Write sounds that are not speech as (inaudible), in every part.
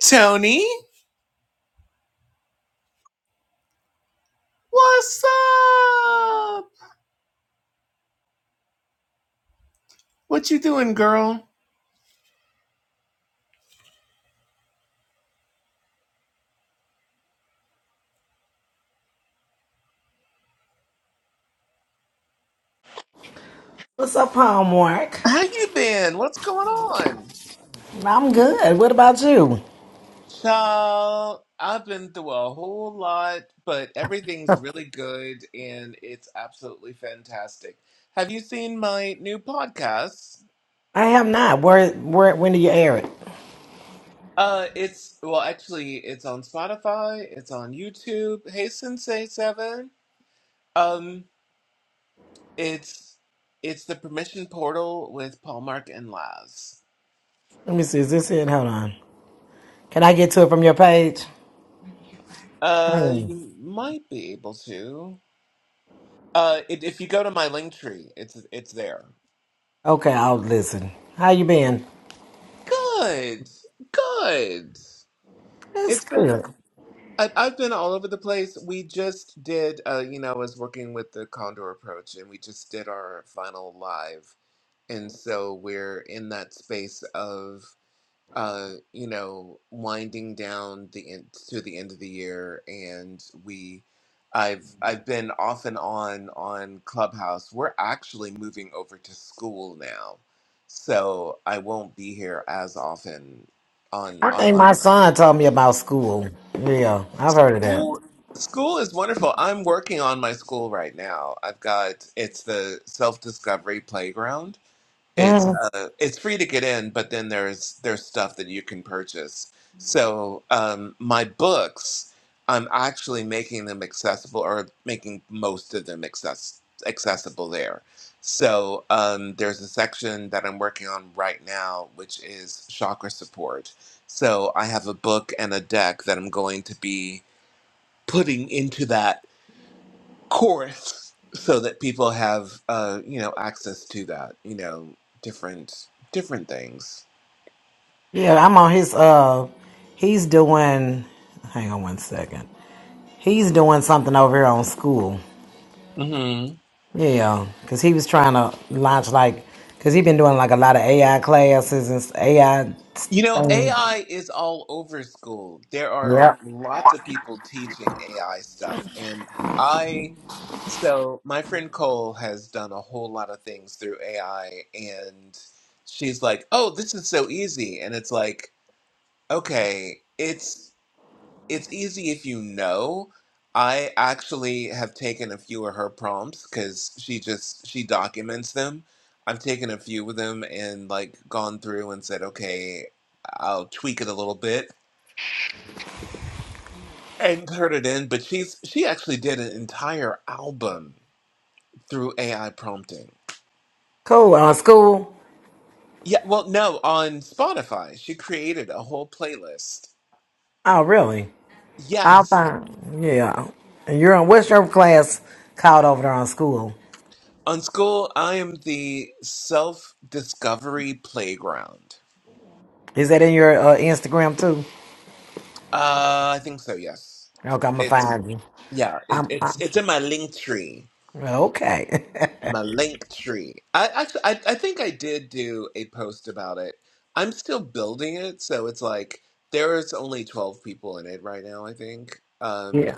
Tony, what's up? What you doing, girl? What's up, Hallmark? How you been? What's going on? I'm good. What about you? Child, I've been through a whole lot, but everything's really good and it's absolutely fantastic. Have you seen my new podcast? I have not. Where, where, when do you air it? Uh, it's well, actually, it's on Spotify, it's on YouTube. Hey, Sensei Seven. Um, it's it's the Permission Portal with Paul Mark and Laz. Let me see. Is this it? Hold on. Can I get to it from your page? Hold Uh, on. you might be able to. Uh, it, if you go to my link tree, it's it's there. Okay, I'll listen. How you been? Good, good. It's It's been good. I, I've been all over the place. We just did. Uh, you know, I was working with the Condor Approach, and we just did our final live, and so we're in that space of. uh, you know, winding down the end to the end of the year, and we, I've I've been off and on on Clubhouse. We're actually moving over to school now, so I won't be here as often on I think online. my son told me about school. Yeah, I've heard of that. School school is wonderful. I'm working on my school right now. I've got it's the self discovery playground it's hmm uh, it's free to get in, but then there's there's stuff that you can purchase. So um, my books, I'm actually making them accessible, or making most of them access accessible there. So um, there's a section that I'm working on right now, which is chakra support. So I have a book and a deck that I'm going to be putting into that course so that people have uh you know access to that you know different different things Yeah, I'm on his. Uh, he's doing. Hang on one second. He's doing something over here on school. hmm Yeah, because he was trying to launch like, because he been doing like a lot of AI classes and s- AI. you know ai is all over school there are Yeah. lots of people teaching ai stuff and i so my friend cole has done a whole lot of things through ai and she's like oh this is so easy and it's like okay it's it's easy if you know. I actually have taken a few of her prompts because she just she documents them. I've taken a few of them and like gone through and said, okay, I'll tweak it a little bit and turn it in. But she's she actually did an entire album through AI prompting. Cool. Uh, school. Yeah, well, no, on Spotify, she created a whole playlist. Oh, really? I'll Yes, find. Yeah. And you're in, what's your class called over there on school? on school, I am the self-discovery playground. Is that in your uh, Instagram too? Uh, I think so. Yes, Okay, I'm gonna it's find you. yeah. It, Uh, it's it's in my link tree. Okay. (laughs) My link tree. I actually, I, I think I did do a post about it. I'm still building it, so it's like there is only 12 people in it right now. I think. Um, yeah.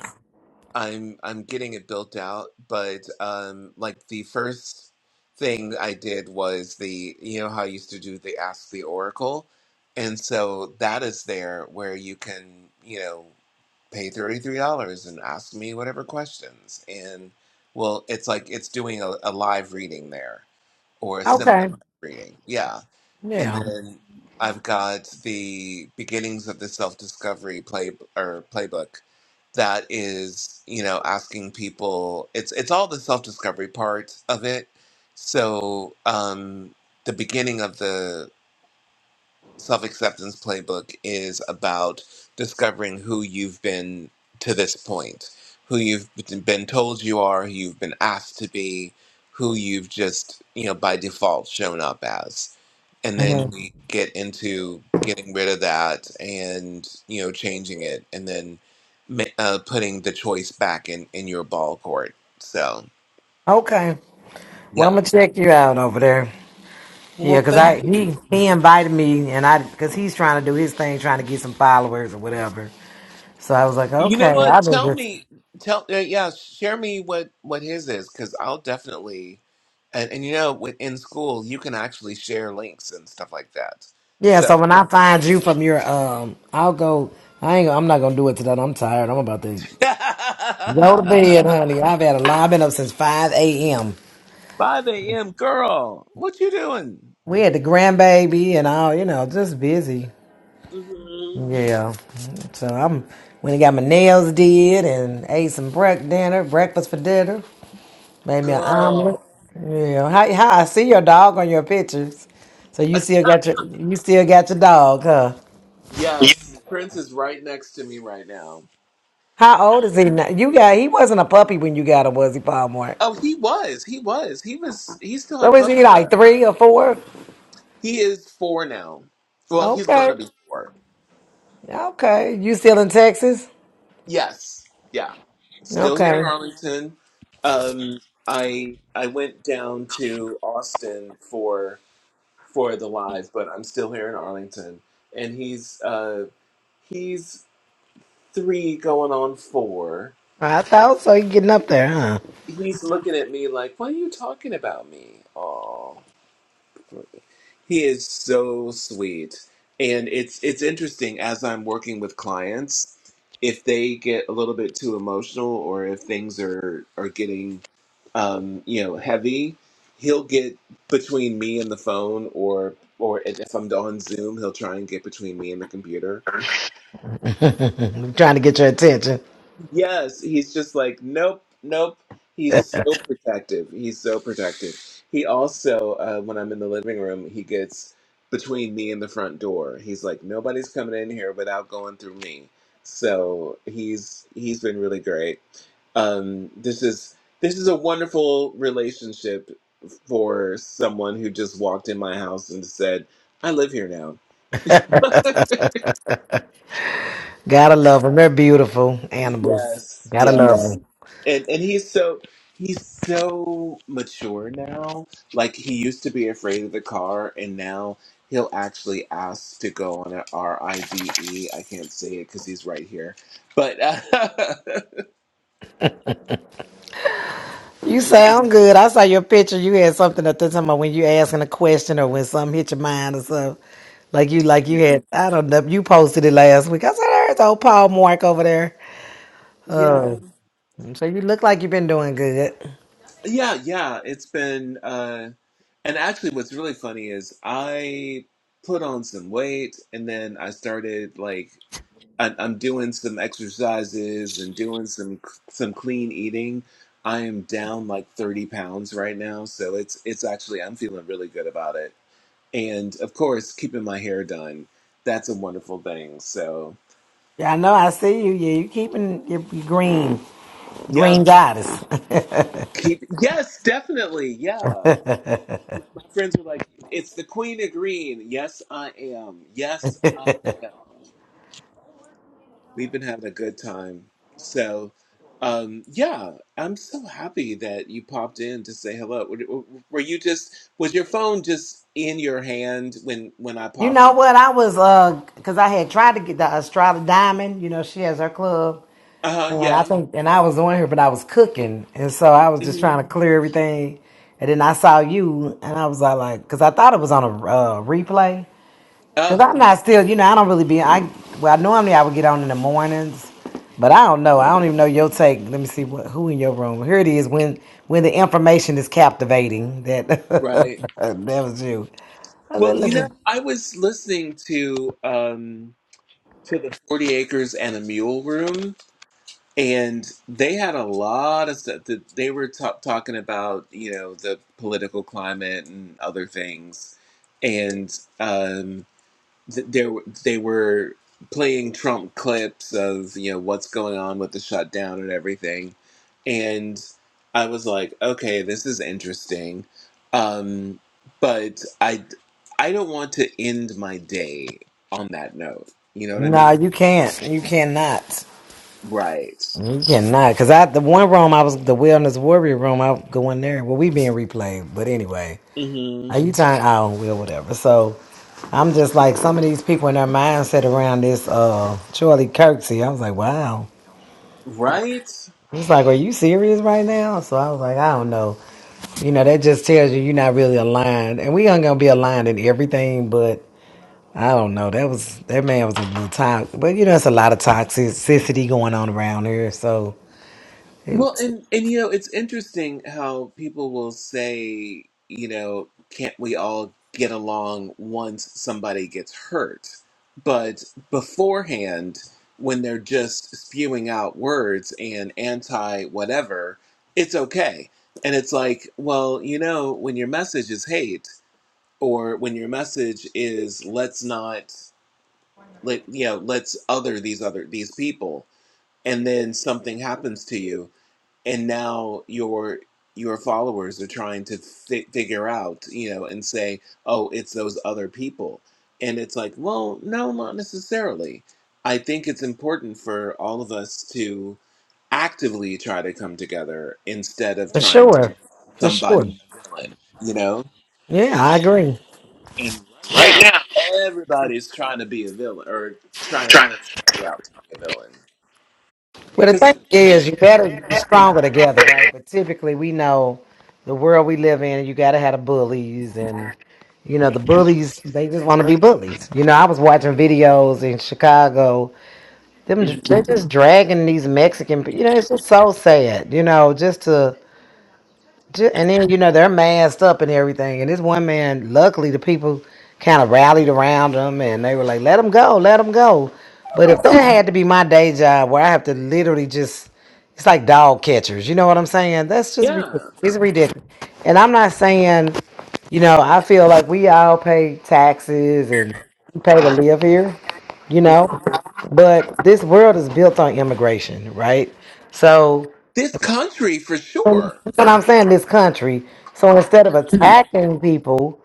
I'm I'm getting it built out, but um, like the first thing I did was the you know how I used to do the Ask the Oracle, and so that is there where you can you know pay $33 and ask me whatever questions. And well, it's like it's doing a, a live reading there or a semi Okay. live reading. Yeah. And Yeah. then I've got the beginnings of the self discovery play or playbook that is, you know, asking people it's it's all the self discovery part of it. So um the beginning of the self acceptance playbook is about discovering who you've been to this point, who you've been told you are, who you've been asked to be, who you've just, you know, by default shown up as. And then Mhm. we get into getting rid of that and, you know, changing it and then ma- uh, putting the choice back in, in your ball court. So, Okay. Well, I'm yeah. gonna check you out over there. Yeah, Well, because thank I you. he he invited me and I because he's trying to do his thing, trying to get some followers or whatever. So I was like, You know okay, what? I've been Tell just me, tell uh, yeah, share me what what his is because I'll definitely, and and you know, with, in school you can actually share links and stuff like that. yeah. So So, when I find you from your um, I'll go. I ain't. I'm not gonna do it tonight. I'm tired. I'm about to go to (laughs) bed, honey. I've had a lot. I've been up since five a.m. 5 a.m. girl, what you doing? We had the grandbaby and all. You know, just busy. hmm Yeah. So I'm when I got my nails did and ate some break dinner, breakfast for dinner. Made me an omelet. Girl, Yeah, how, how I see your dog on your pictures. So you Att- still got your you still got your dog, huh? yes, Prince is right next to me right now. How old is he now? You got he wasn't a puppy when you got him, was he, Palmore? Oh, he was, he was, he was, he still So had is puppy he like breath. three or four? He is four now. Well, he's Okay, gonna be four. okay. You still in Texas? Yes. Yeah. Still here in Okay. Arlington. Um I I went down to Austin for for the live, but I'm still here in Arlington. And he's uh he's three going on four. I thought so. You getting up there, huh? He's looking at me like, What are you talking about me? Oh he is so sweet. And it's it's interesting as I'm working with clients, if they get a little bit too emotional or if things are are getting um, you know, heavy, he'll get between me and the phone, or or if if I'm on Zoom, he'll try and get between me and the computer. (laughs) Trying to get your attention. Yes, he's just like, nope, nope. He's so protective. He's so protective. He also, uh, when I'm in the living room, he gets between me and the front door. He's like, nobody's coming in here without going through me. So he's he's been really great. Um, this is this is a wonderful relationship for someone who just walked in my house and said, "I live here now." (laughs) Gotta love them. They're beautiful animals. Yes, Gotta love yes. 'em. and and he's so he's so mature now. Like he used to be afraid of the car, and now he'll actually ask to go on a R I D E. I can't say it because he's right here, but uh, You (laughs) sound good. I saw your picture. You had something at the time about when you asking a question or when something hit your mind or something. Like you, like you yeah, had. I don't know. You posted it last week. I said, "There's old Paul Mark over there." yeah, Oh, so you look like you've been doing good. yeah, yeah. It's been uh, and actually, what's really funny is I put on some weight, and then I started like. I, I'm doing some exercises and doing some some clean eating. I am down like 30 pounds right now, so it's it's actually I'm feeling really good about it. And of course, keeping my hair done, that's a wonderful thing. So, Yeah, I know. I see you. Yeah, you keeping your, your green, green yep, goddess. keep yes, definitely, yeah. My, my friends were like, it's the queen of green. Yes, I am. Yes, I am. We've been having a good time. So, um, yeah, I'm so happy that you popped in to say hello. Were, were you just was your phone just in your hand when when I (laughs) you popped know up? what? I was uh, cause I had tried to get the Australia Diamond. You know, she has her club. Uh huh. And I Yeah. think, and I was on here, but I was cooking, and so I was just hmm trying to clear everything. And then I saw you, and I was all like, because I thought it was on a uh, replay. Because Oh, I'm not still, you know, I don't really be. I well, normally I would get on in the mornings, but I don't know. I don't even know your take. Let me see what who in your room. Here it is. When when the information is captivating, that (laughs) that right. was you. I was Well, like, you look. know, at- I was listening to um to the Forty Acres and a Mule Room, and they had a lot of stuff that they were ta- talking about. You know, the political climate and other things, and um th- there w- they were playing Trump clips of you know what's going on with the shutdown and everything, and I was like, okay, this is interesting, um, but I I don't want to end my day on that note. You know what I No, mean? you can't. You cannot. Right. You cannot, cause I the one room I was the wellness warrior room. I go in there. Well, we being replayed, but anyway, Mm-hmm. are you trying? not will whatever. So I'm just like some of these people in their mindset around this uh Charlie Kirksey. I was like, wow. Right. It's like, are you serious right now? So I was like, I don't know. You know, that just tells you you're not really aligned, and we aren't gonna be aligned in everything, but. I don't know. That was that man was a little toxic, but you know, it's a lot of toxicity going on around here. So, Well, and and you know, it's interesting how people will say, you know, can't we all get along once somebody gets hurt? But beforehand, when they're just spewing out words and anti whatever, it's okay. And it's like, well, you know, when your message is hate or when your message is let's not let you know, let's other these other these people and then something happens to you and now your your followers are trying to fi- figure out you know and say oh it's those other people and it's like well no not necessarily i think it's important for all of us to actively try to come together instead of For trying to sure. make For somebody sure. a villain you know Yeah, I agree. and right right now now. everybody's trying to be a villain or trying to make Trying to. somebody out to be a villain Well, the because thing is, you better be stronger together, right? But typically, we know the world we live in, you got to have the bullies. And, you know, the bullies, they just want to be bullies. You know, I was watching videos in Chicago. Them, they're just dragging these Mexican, pe- you know, it's just so sad, you know, just to. Ju- And then you know they're masked up and everything. And this one man, luckily, the people kind of rallied around him and they were like, "Let him go, let him go." But if that had to be my day job, where I have to literally just, it's like dog catchers. You know what I'm saying? That's just yeah ridiculous. It's ridiculous. And I'm not saying, you know, I feel like we all pay taxes and we pay to live here. You know, Mhm. but this world is built on immigration, right? So this country for sure that's what I'm saying, this country. So instead of attacking people,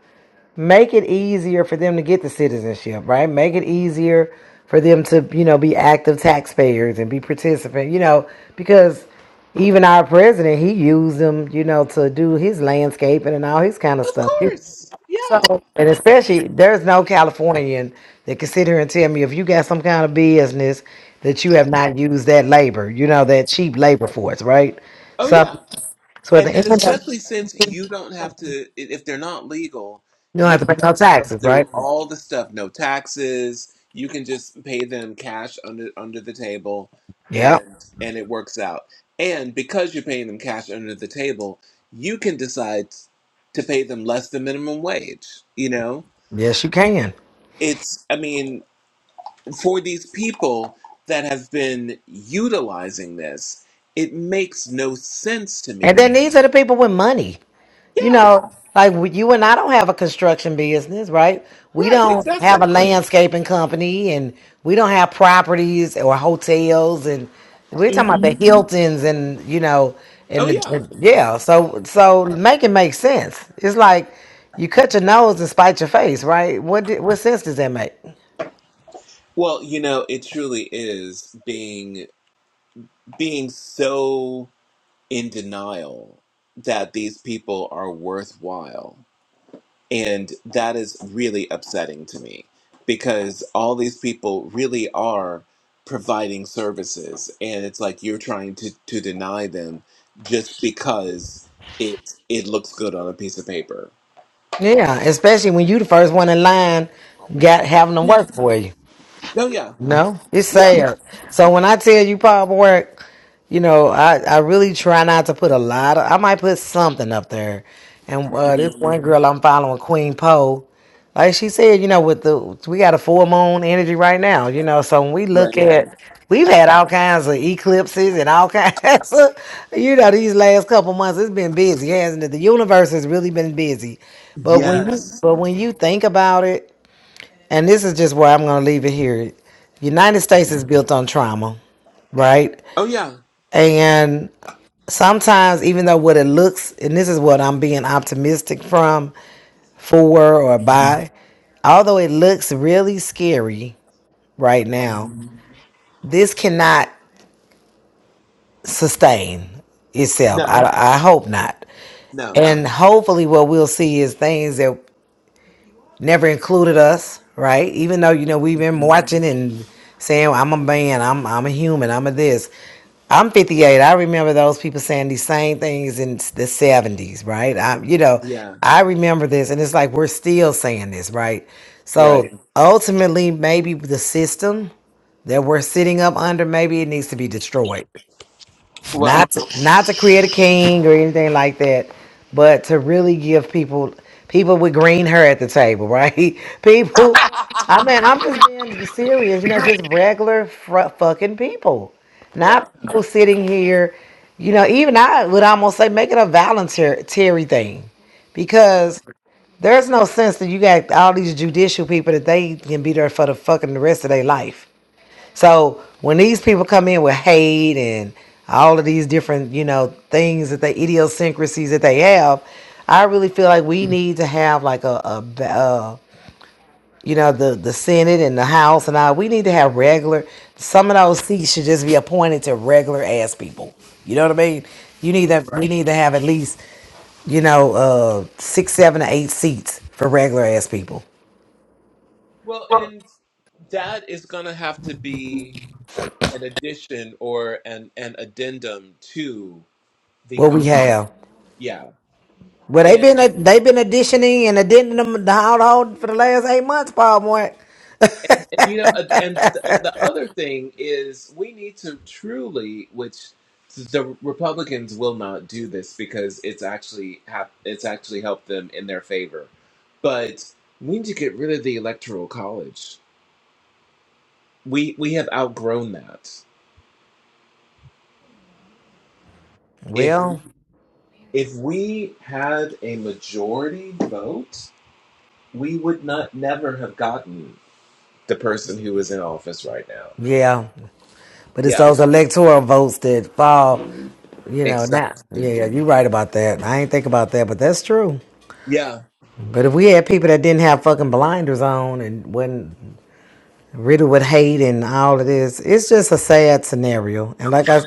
make it easier for them to get the citizenship, right? Make it easier for them to, you know, be active taxpayers and be participant, you know, because even our president, he used them, you know, to do his landscaping and all his kind of Of stuff. course. So, Yeah. and especially, there's no Californian that can sit here and tell me if you got some kind of business that you have not used that labor, you know, that cheap labor force, right? Oh So yeah. so at the And and end, of, the, especially since you don't have to i- if they're not legal, you don't you have to don't pay no have to go taxes, through right? all the stuff, no taxes. You can just pay them cash under under the table Yep. and and it works out. And because you're paying them cash under the table, you can decide to pay them less than minimum wage, you know? Yes, you can. It's I mean, for these people that have been utilizing this, it makes no sense to And me. then these are the people with money. You Yeah, know, like w- you and I don't have a construction business, right? We right, don't have a exactly. landscaping company, and we don't have properties or hotels, and we're talking about hmm the Hiltons, and you know, Oh and the, yeah. and- yeah. So, so make it make sense. It's like you cut your nose and spite your face, right? What di- what sense does that make? Well, you know, it truly is being being so in denial that these people are worthwhile And that is really upsetting to me because all these people really are providing services. And it's like you're trying to, to deny them just because it it looks good on a piece of paper. Yeah, especially when you the first one in line got having them Yeah. work for you. Oh, yeah. No, it's Yeah. sad. So when I tell you pop work, you know, I, I really try not to put a lot of, I might put something up there. And uh, this Mhm. one girl I'm following, Queen Poe, like she said, you know, with the, we got a full moon energy right now, you know, so when we look Right. at, we've had all kinds of eclipses and all kinds (laughs) of, you know, these last couple months, it's been busy, hasn't it? The universe has really been busy. But when you, Yes. but when you think about it, and this is just where I'm going to leave it here. United States is built on trauma, right? Oh, yeah. And sometimes, even though what it looks, and this is what I'm being optimistic from, for or by, although it looks really scary right now, Mhm. this cannot sustain itself. No. I, I hope not. No. And hopefully, what we'll see is things that never included us, right? Even though you know we've been Mhm. watching and saying I'm a man, I'm I'm a human, I'm a this. I'm 58. I remember those people saying these same things in the 70s, right? I, you know, Yeah. I remember this, and it's like we're still saying this, right? Right. So ultimately, maybe the system that we're sitting up under, maybe it needs to be destroyed Well. not to, not to create a king or anything like that, but to really give people people with green hair at the table, right? (laughs) People, I (laughs) mean, I'm just being serious, you know, just regular fr- fucking people, yeah. not people sitting here, you know. Even I would almost say make it a voluntary thing, because there's no sense that you got all these judicial people that they can be there for the fucking rest of their life. So when these people come in with hate and all of these different, you know, things that they idiosyncrasies that they have, I really feel like we need to have like a, a ba- uh, you know, the the Senate and the House and all. We need to have regular. Some of those seats should just be appointed to regular ass people. You know what I mean? You need Right. that. We Right. need to have at least, you know, uh, six, seven, or eight seats for regular ass people. Well, and that is going to have to be. an addition or an an addendum to the What we con. have. Yeah, Well, they've and been they've been additioning and addending the household for the last eight months, Paul Moore. and, and you know, and, and the other thing is we need to truly, which the Republicans will not do this because it's actually hap- it's actually helped them in their favor, but we need to get rid of the Electoral College. We we have outgrown that. If Well, if we had a majority vote, we would not never have gotten the person who is in office right now. yeah, but it's Yeah, those electoral votes that fall. You know, now, yeah, exactly. yeah, you're right about that. I ain't think about that, but that's true. Yeah, But if we had people that didn't have fucking blinders on and wasn't riddled with hate and all of this. It's just a sad scenario. And like I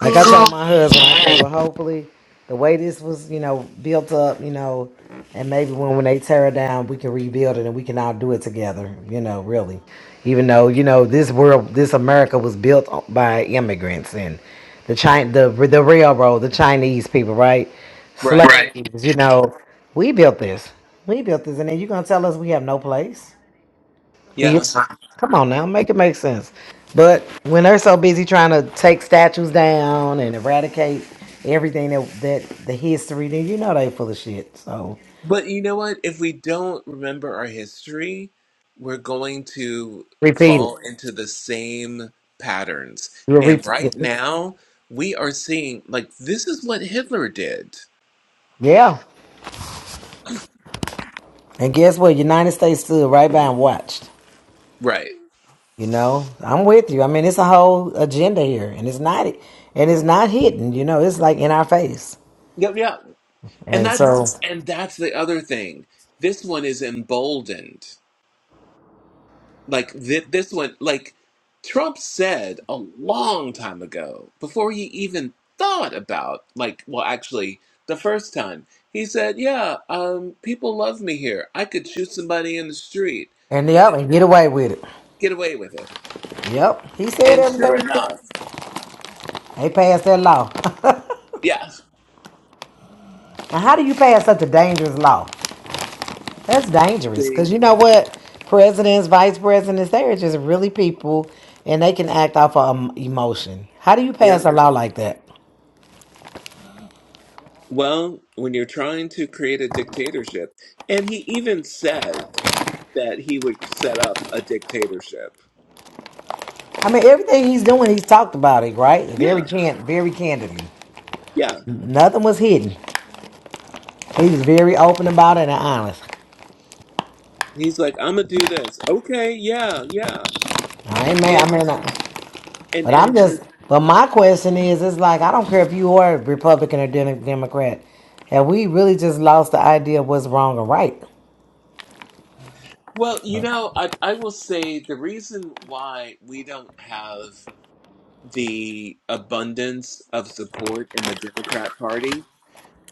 like I told my husband, I said, well hopefully the way this was, you know, built up, you know, and maybe when, when they tear it down we can rebuild it and we can all do it together, you know, really. Even though, you know, this world this America was built o- by immigrants and the China the the railroad, the Chinese people, right? Slaves, Right. Right. you know, we built this. We built this and then you're gonna tell us we have no place. He Yeah. is. Come on now, make it make sense. But when they're so busy trying to take statues down and eradicate everything that that the history, then you know they full of shit. So But you know what? If we don't remember our history, we're going to repeat it. fall into the same patterns. You'll And repeat right it. now, we are seeing like this is what Hitler did. Yeah. And guess what? United States stood right by and watched. Right. You know, I'm with you. I mean, it's a whole agenda here, and it's not and it's not hidden. You know, it's like in our face. Yep. Yeah. And And that's so, and that's the other thing. This one is emboldened. Like thi- this one, like Trump said a long time ago, before he even thought about, like, well, actually, the first time he said, "Yeah, um, people love me here. I could shoot somebody in the street and yep, and and get away with it. get away with it." Yep, he said And sure everything. enough, They passed that law. yeah. Now, how do you pass such a dangerous law? That's dangerous See, because you know what? Presidents, vice presidents, they are just really people and they can act off of um, emotion. How do you pass yeah. a law like that? Well, when you're trying to create a dictatorship, and he even said that he would set up a dictatorship. I mean, everything he's doing, he's talked about it, right? Very Yeah, can, very candidly. yeah. Nothing was hidden. He was very open about it and honest. He's like, I'm gonna do this. Okay, yeah, yeah. I ain't mad. I And mean, I- and but I'm and the, just. But my question is, it's like I don't care if you are Republican or Dem- Democrat. Have we really just lost the idea of what's wrong or right? well, you know, I I will say the reason why we don't have the abundance of support in the Democrat Party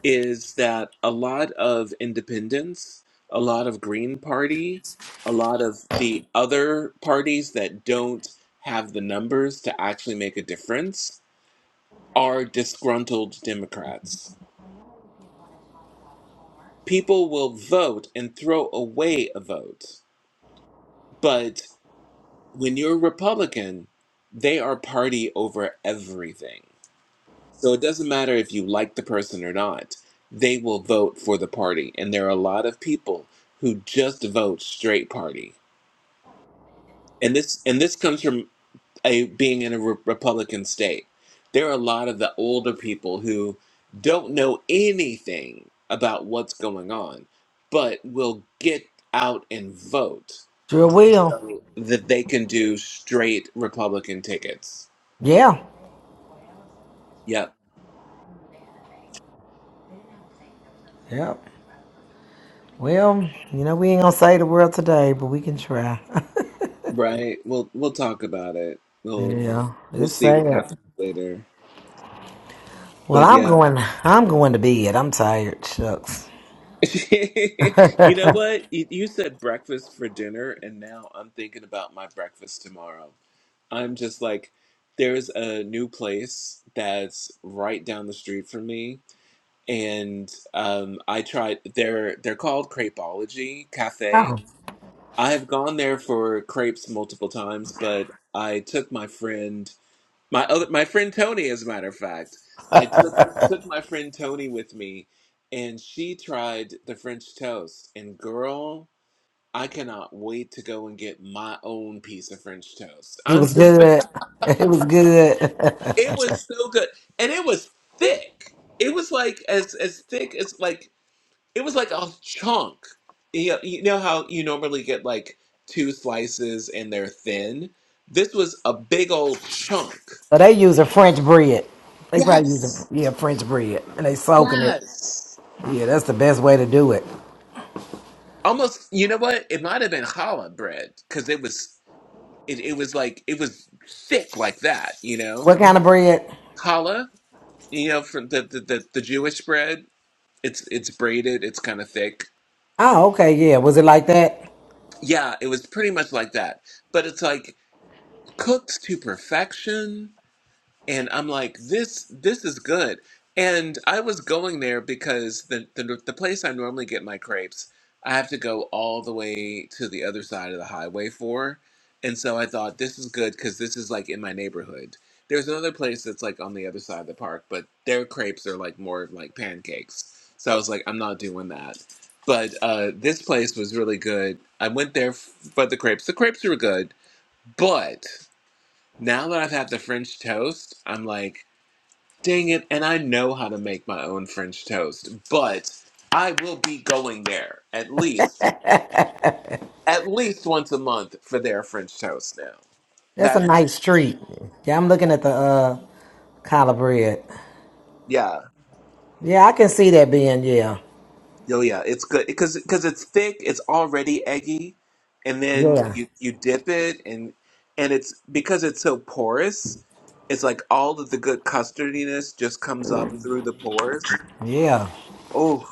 is that a lot of independents, a lot of Green Party, a lot of the other parties that don't have the numbers to actually make a difference are disgruntled Democrats people will vote and throw away a vote. But when you're a Republican, they are party over everything. So it doesn't matter if you like the person or not, they will vote for the party. And there are a lot of people who just vote straight party. And this and this comes from a being in a re- Republican state. There are a lot of the older people who don't know anything about what's going on, but will get out and vote Sure just will. so that they can do straight Republican tickets. Yeah. Yep. Yep. Well, you know, we ain't gonna save the world today, but we can try. Right. We'll we'll talk about it. (laughs) We'll yeah. we'll It's see what sad. happens later. Well, But I'm yeah. going. I'm going to bed. I'm tired. Shucks. (laughs) you know what? You, you said breakfast for dinner, and now I'm thinking about my breakfast tomorrow. I'm just like, there's a new place that's right down the street from me, and um, I tried. They're they're called Crepeology Cafe. Oh. I've gone there for crepes multiple times, but I took my friend. My other, my friend Tony, as a matter of fact, I took took my friend Tony with me, and she tried the French toast. And girl, I cannot wait to go and get my own piece of French toast. It I'm was just, good. (laughs) It was good. (laughs) so it was so good, and it was thick. It was like as as thick as like it was like a chunk. You know, you know how you normally get like two slices and they're thin. This was a big old chunk. they using French bread. They probably using Yes. yeah French bread, and they soaking it. Yes. Yeah, that's the best way to do it. almost you know what it might have been challah bread because it was it, it was like it was thick like that you know What kind of bread? challah you know from the the, the, the jewish bread it's it's braided it's kind of thick Oh, okay. Yeah, was it like that? yeah it was pretty much like that but it's like cooked to perfection and I'm like, this this is good. And I was going there because the, the the place I normally get my crepes, I have to go all the way to the other side of the highway for. And so I thought this is good because this is like in my neighborhood. There's another place that's like on the other side of the park, but their crepes are like more like pancakes. So I was like, I'm not doing that. But uh, this place was really good. I went there f- for the crepes. The crepes were good, but now that I've had the French toast, I'm like. Dang it, and I know how to make my own French toast, but I will be going there at least at least once a month for their French toast now. That's a That's nice treat. Yeah, I'm looking at the uh, collard bread. yeah. Yeah, I can see that being yeah. Oh yeah, it's good because because it's thick, it's already eggy, and then Yeah, you you dip it and and it's because it's so porous, it's like all of the good custardiness just comes up through the pores. yeah. Oh,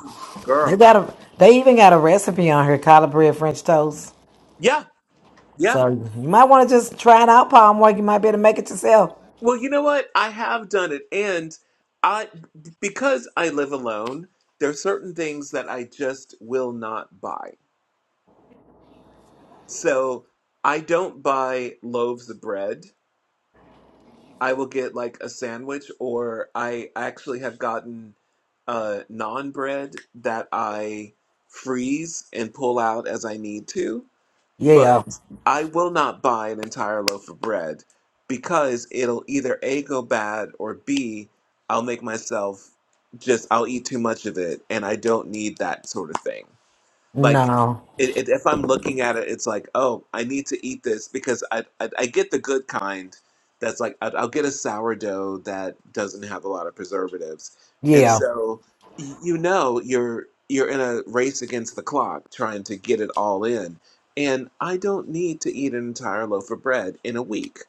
They girl. got a. They even got a recipe on here: collard bread, French toast. Yeah. yeah. So you might want to just try it out, Palm. Or you might be able to make it yourself. Well, you know what? I have done it, and I because I live alone, there are certain things that I just will not buy. So I don't buy loaves of bread. I will get like a sandwich, or I actually have gotten uh, non bread that I freeze and pull out as I need to. Yeah. but I will not buy an entire loaf of bread because it'll either A go bad or B I'll make myself just I'll eat too much of it and I don't need that sort of thing like No. it, it, if i'm looking at it it's like oh i need to eat this because i i, I get the good kind that's like i i'll get a sourdough that doesn't have a lot of preservatives and Yeah. so y- you know you're you're in a race against the clock trying to get it all in and i don't need to eat an entire loaf of bread in a week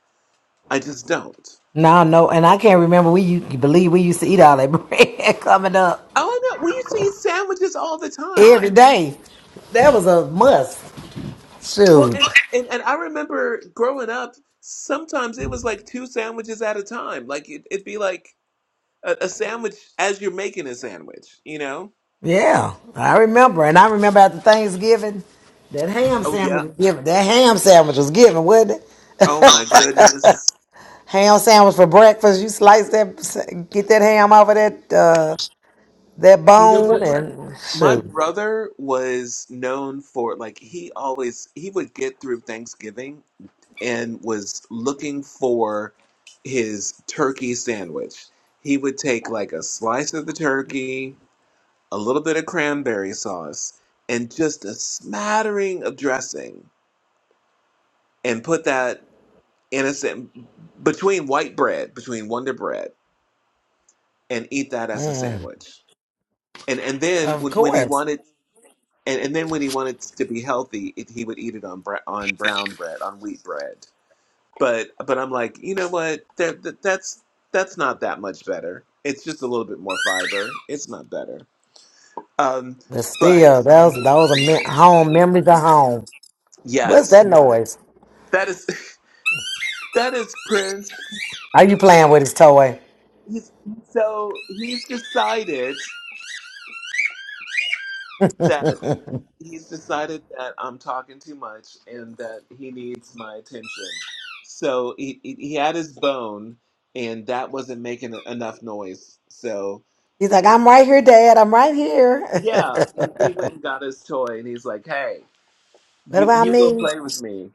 i just don't No. No. And I can't remember. We you believe we used to eat all that (laughs) bread coming up oh no we used to eat sandwiches all the time every day. That was a must. Well, Shoot. and, and and I remember growing up, sometimes it was like two sandwiches at a time. Like it, it'd be like a, a sandwich as you're making a sandwich, you know? Yeah, I remember, and I remember after Thanksgiving, that ham Oh yeah. sandwich was given. That ham sandwich was given, wasn't it? Oh my goodness. Ham sandwich for breakfast. You slice that, get that ham off of that uh, that You know bone, what? and My shoot. brother was known for like he always he would get through Thanksgiving and was looking for his turkey sandwich. He would take like a slice of the turkey, a little bit of cranberry sauce, and just a smattering of dressing, and put that in a sa- between white bread, between Wonder Bread, and eat that as a Mm, sandwich. And and then Of when, when he course, wanted, and, and then when he wanted to be healthy, it, he would eat it on bre- on brown bread, on wheat bread. But but I'm like, you know what? That, that that's that's not that much better. It's just a little bit more fiber. It's not better. Um, but but still, those those are me- home memories of home. What's yes, that noise? that is (laughs) that is Prince. Are you playing with his toy? he's so he's decided that he's decided that I'm talking too much and that he needs my attention. So he he, he had his bone, and that wasn't making e, enough noise. So He's like, I'm right here, Dad. I'm right here. yeah, (laughs) he, he went and got his toy, and he's like, "Hey, what you about you will me? play with me."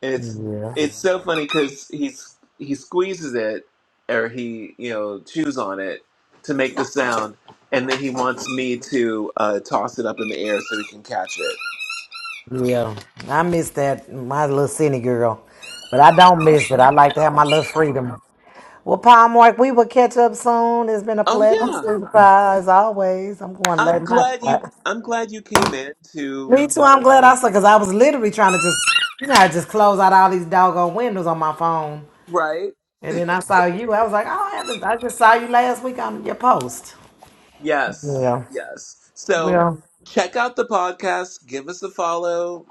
It's Yeah. it's so funny because he's he squeezes it or he you know chews on it to make the sound, and then he wants me to uh, toss it up in the air so he can catch it. Yeah, I miss that, my little city girl. But I don't miss it. I like to have my little freedom. Well, Palm Mark, we will catch up soon. It's been a Oh pleasure, yeah, supervisor, as always. I'm going to let I'm my. glad you I'm glad you came in to Me too. I'm uh, glad I saw because I was literally trying to just, you know, I just close out all these doggone windows on my phone, right. and then I saw you. I was like, oh, I, haven't- I just saw you last week on your post. Yes, Yeah. yes. So Well. check out the podcast. Give us a follow.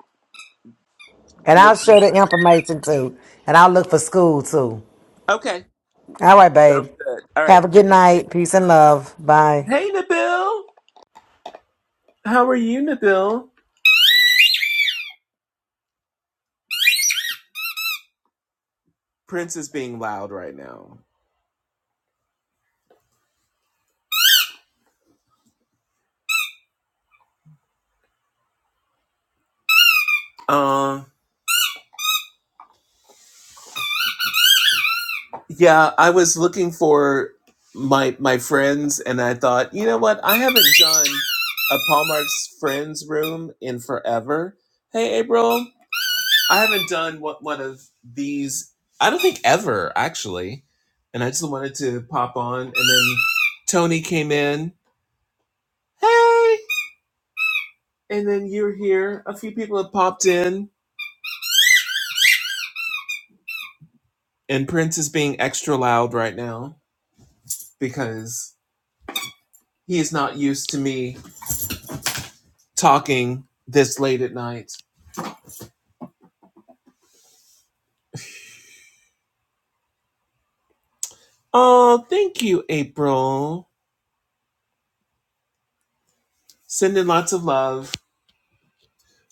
And Li- I'll share the information too, and I'll look for school too. Okay, All right, babe. sounds good. All Have right, a good thanks. night. Peace and love. Bye. Hey Nabil, how are you, Nabil? Prince is being loud right now. Uh, yeah, I was looking for my my friends, and I thought, you know what? I haven't done a Paul Mark's friends room in forever. Hey, April, I haven't done one, one of these. I don't think ever actually, and I just wanted to pop on, and then Tony came in. Hey, and then you're here. A few people have popped in, and Prince is being extra loud right now because He's not used to me talking this late at night. Oh, thank you, April. Sending lots of love.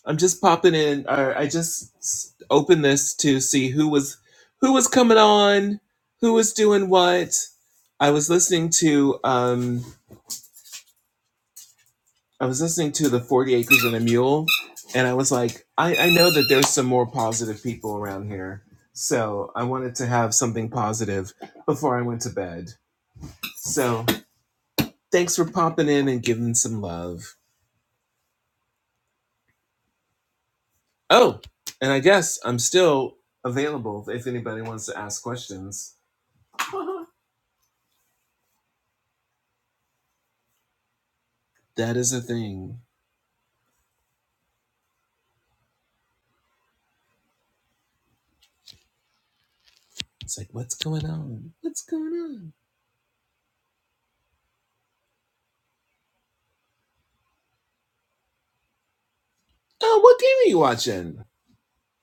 I'm just popping in. Or I just s- opened this to see who was who was coming on, who was doing what. I was listening to um, I was listening to the Forty Acres and a Mule, and I was like, I, I know that there's some more positive people around here, so I wanted to have something positive before I went to bed. So Thanks for popping in and giving some love. Oh, and I guess I'm still available if anybody wants to ask questions. (laughs) that is a thing. It's like, what's going on? What's going on? Oh, what game are you watching?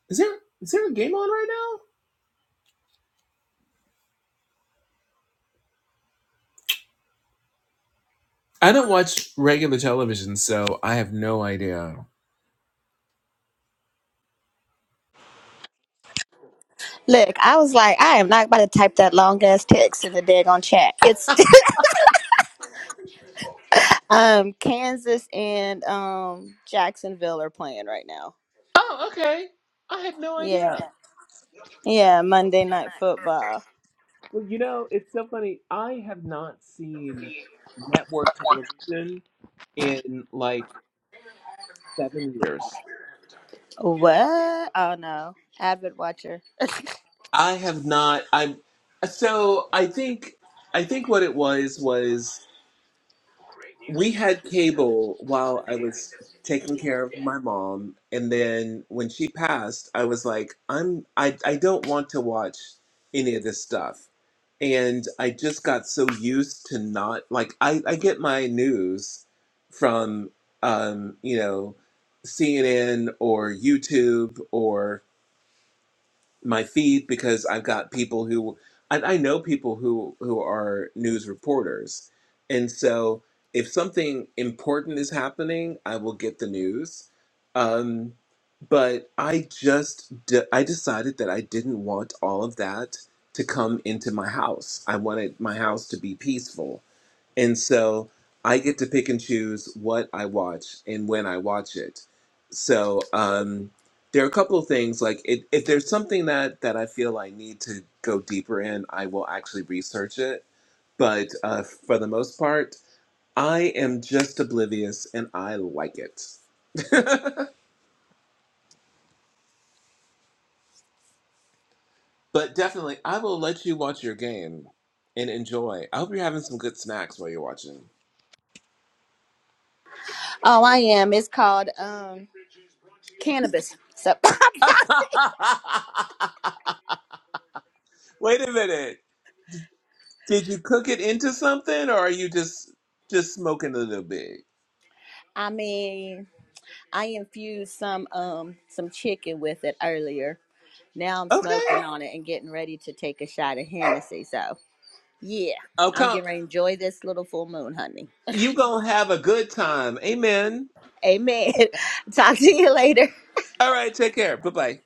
Is there is there a game on right now? I don't watch regular television, so I have no idea. Look, I was like, I am not about to type that long ass text in the daggone chat. It's (laughs) um Kansas and um Jacksonville are playing right now. Oh, okay. I had no Yeah. idea. Yeah, Monday night football. Well, you know, it's so funny. I have not seen network television in like seven years. What? Oh no. Avid watcher. I have not. I'm so I think I think what it was was we had cable while I was taking care of my mom, and then when she passed, I was like, I'm I I don't want to watch any of this stuff, and I just got so used to not like I I get my news from um you know CNN or YouTube my feed because I've got people who I, I know people who who are news reporters, and so if something important is happening, I will get the news. Um, but I just de- I decided that I didn't want all of that to come into my house. I wanted my house to be peaceful, and so I get to pick and choose what I watch and when I watch it. So um, there are a couple of things like it, if there's something that that I feel I need to go deeper in, I will actually research it. But uh, for the most part, I am just oblivious and I like it. But definitely, I will let you watch your game and enjoy. I hope you're having some good snacks while you're watching. Oh, I am. It's called um cannabis. So (laughs) (laughs) Wait a minute. Did you cook it into something, or are you just just smoking a little bit? I mean, I infused some um some chicken with it earlier. Now I'm Okay. smoking on it and getting ready to take a shot of Hennessy. So Yeah, Oh, I'm come. getting ready to enjoy this little full moon, honey. You gonna have a good time. Amen. Amen. (laughs) Talk to you later. All right. Take care. Bye bye.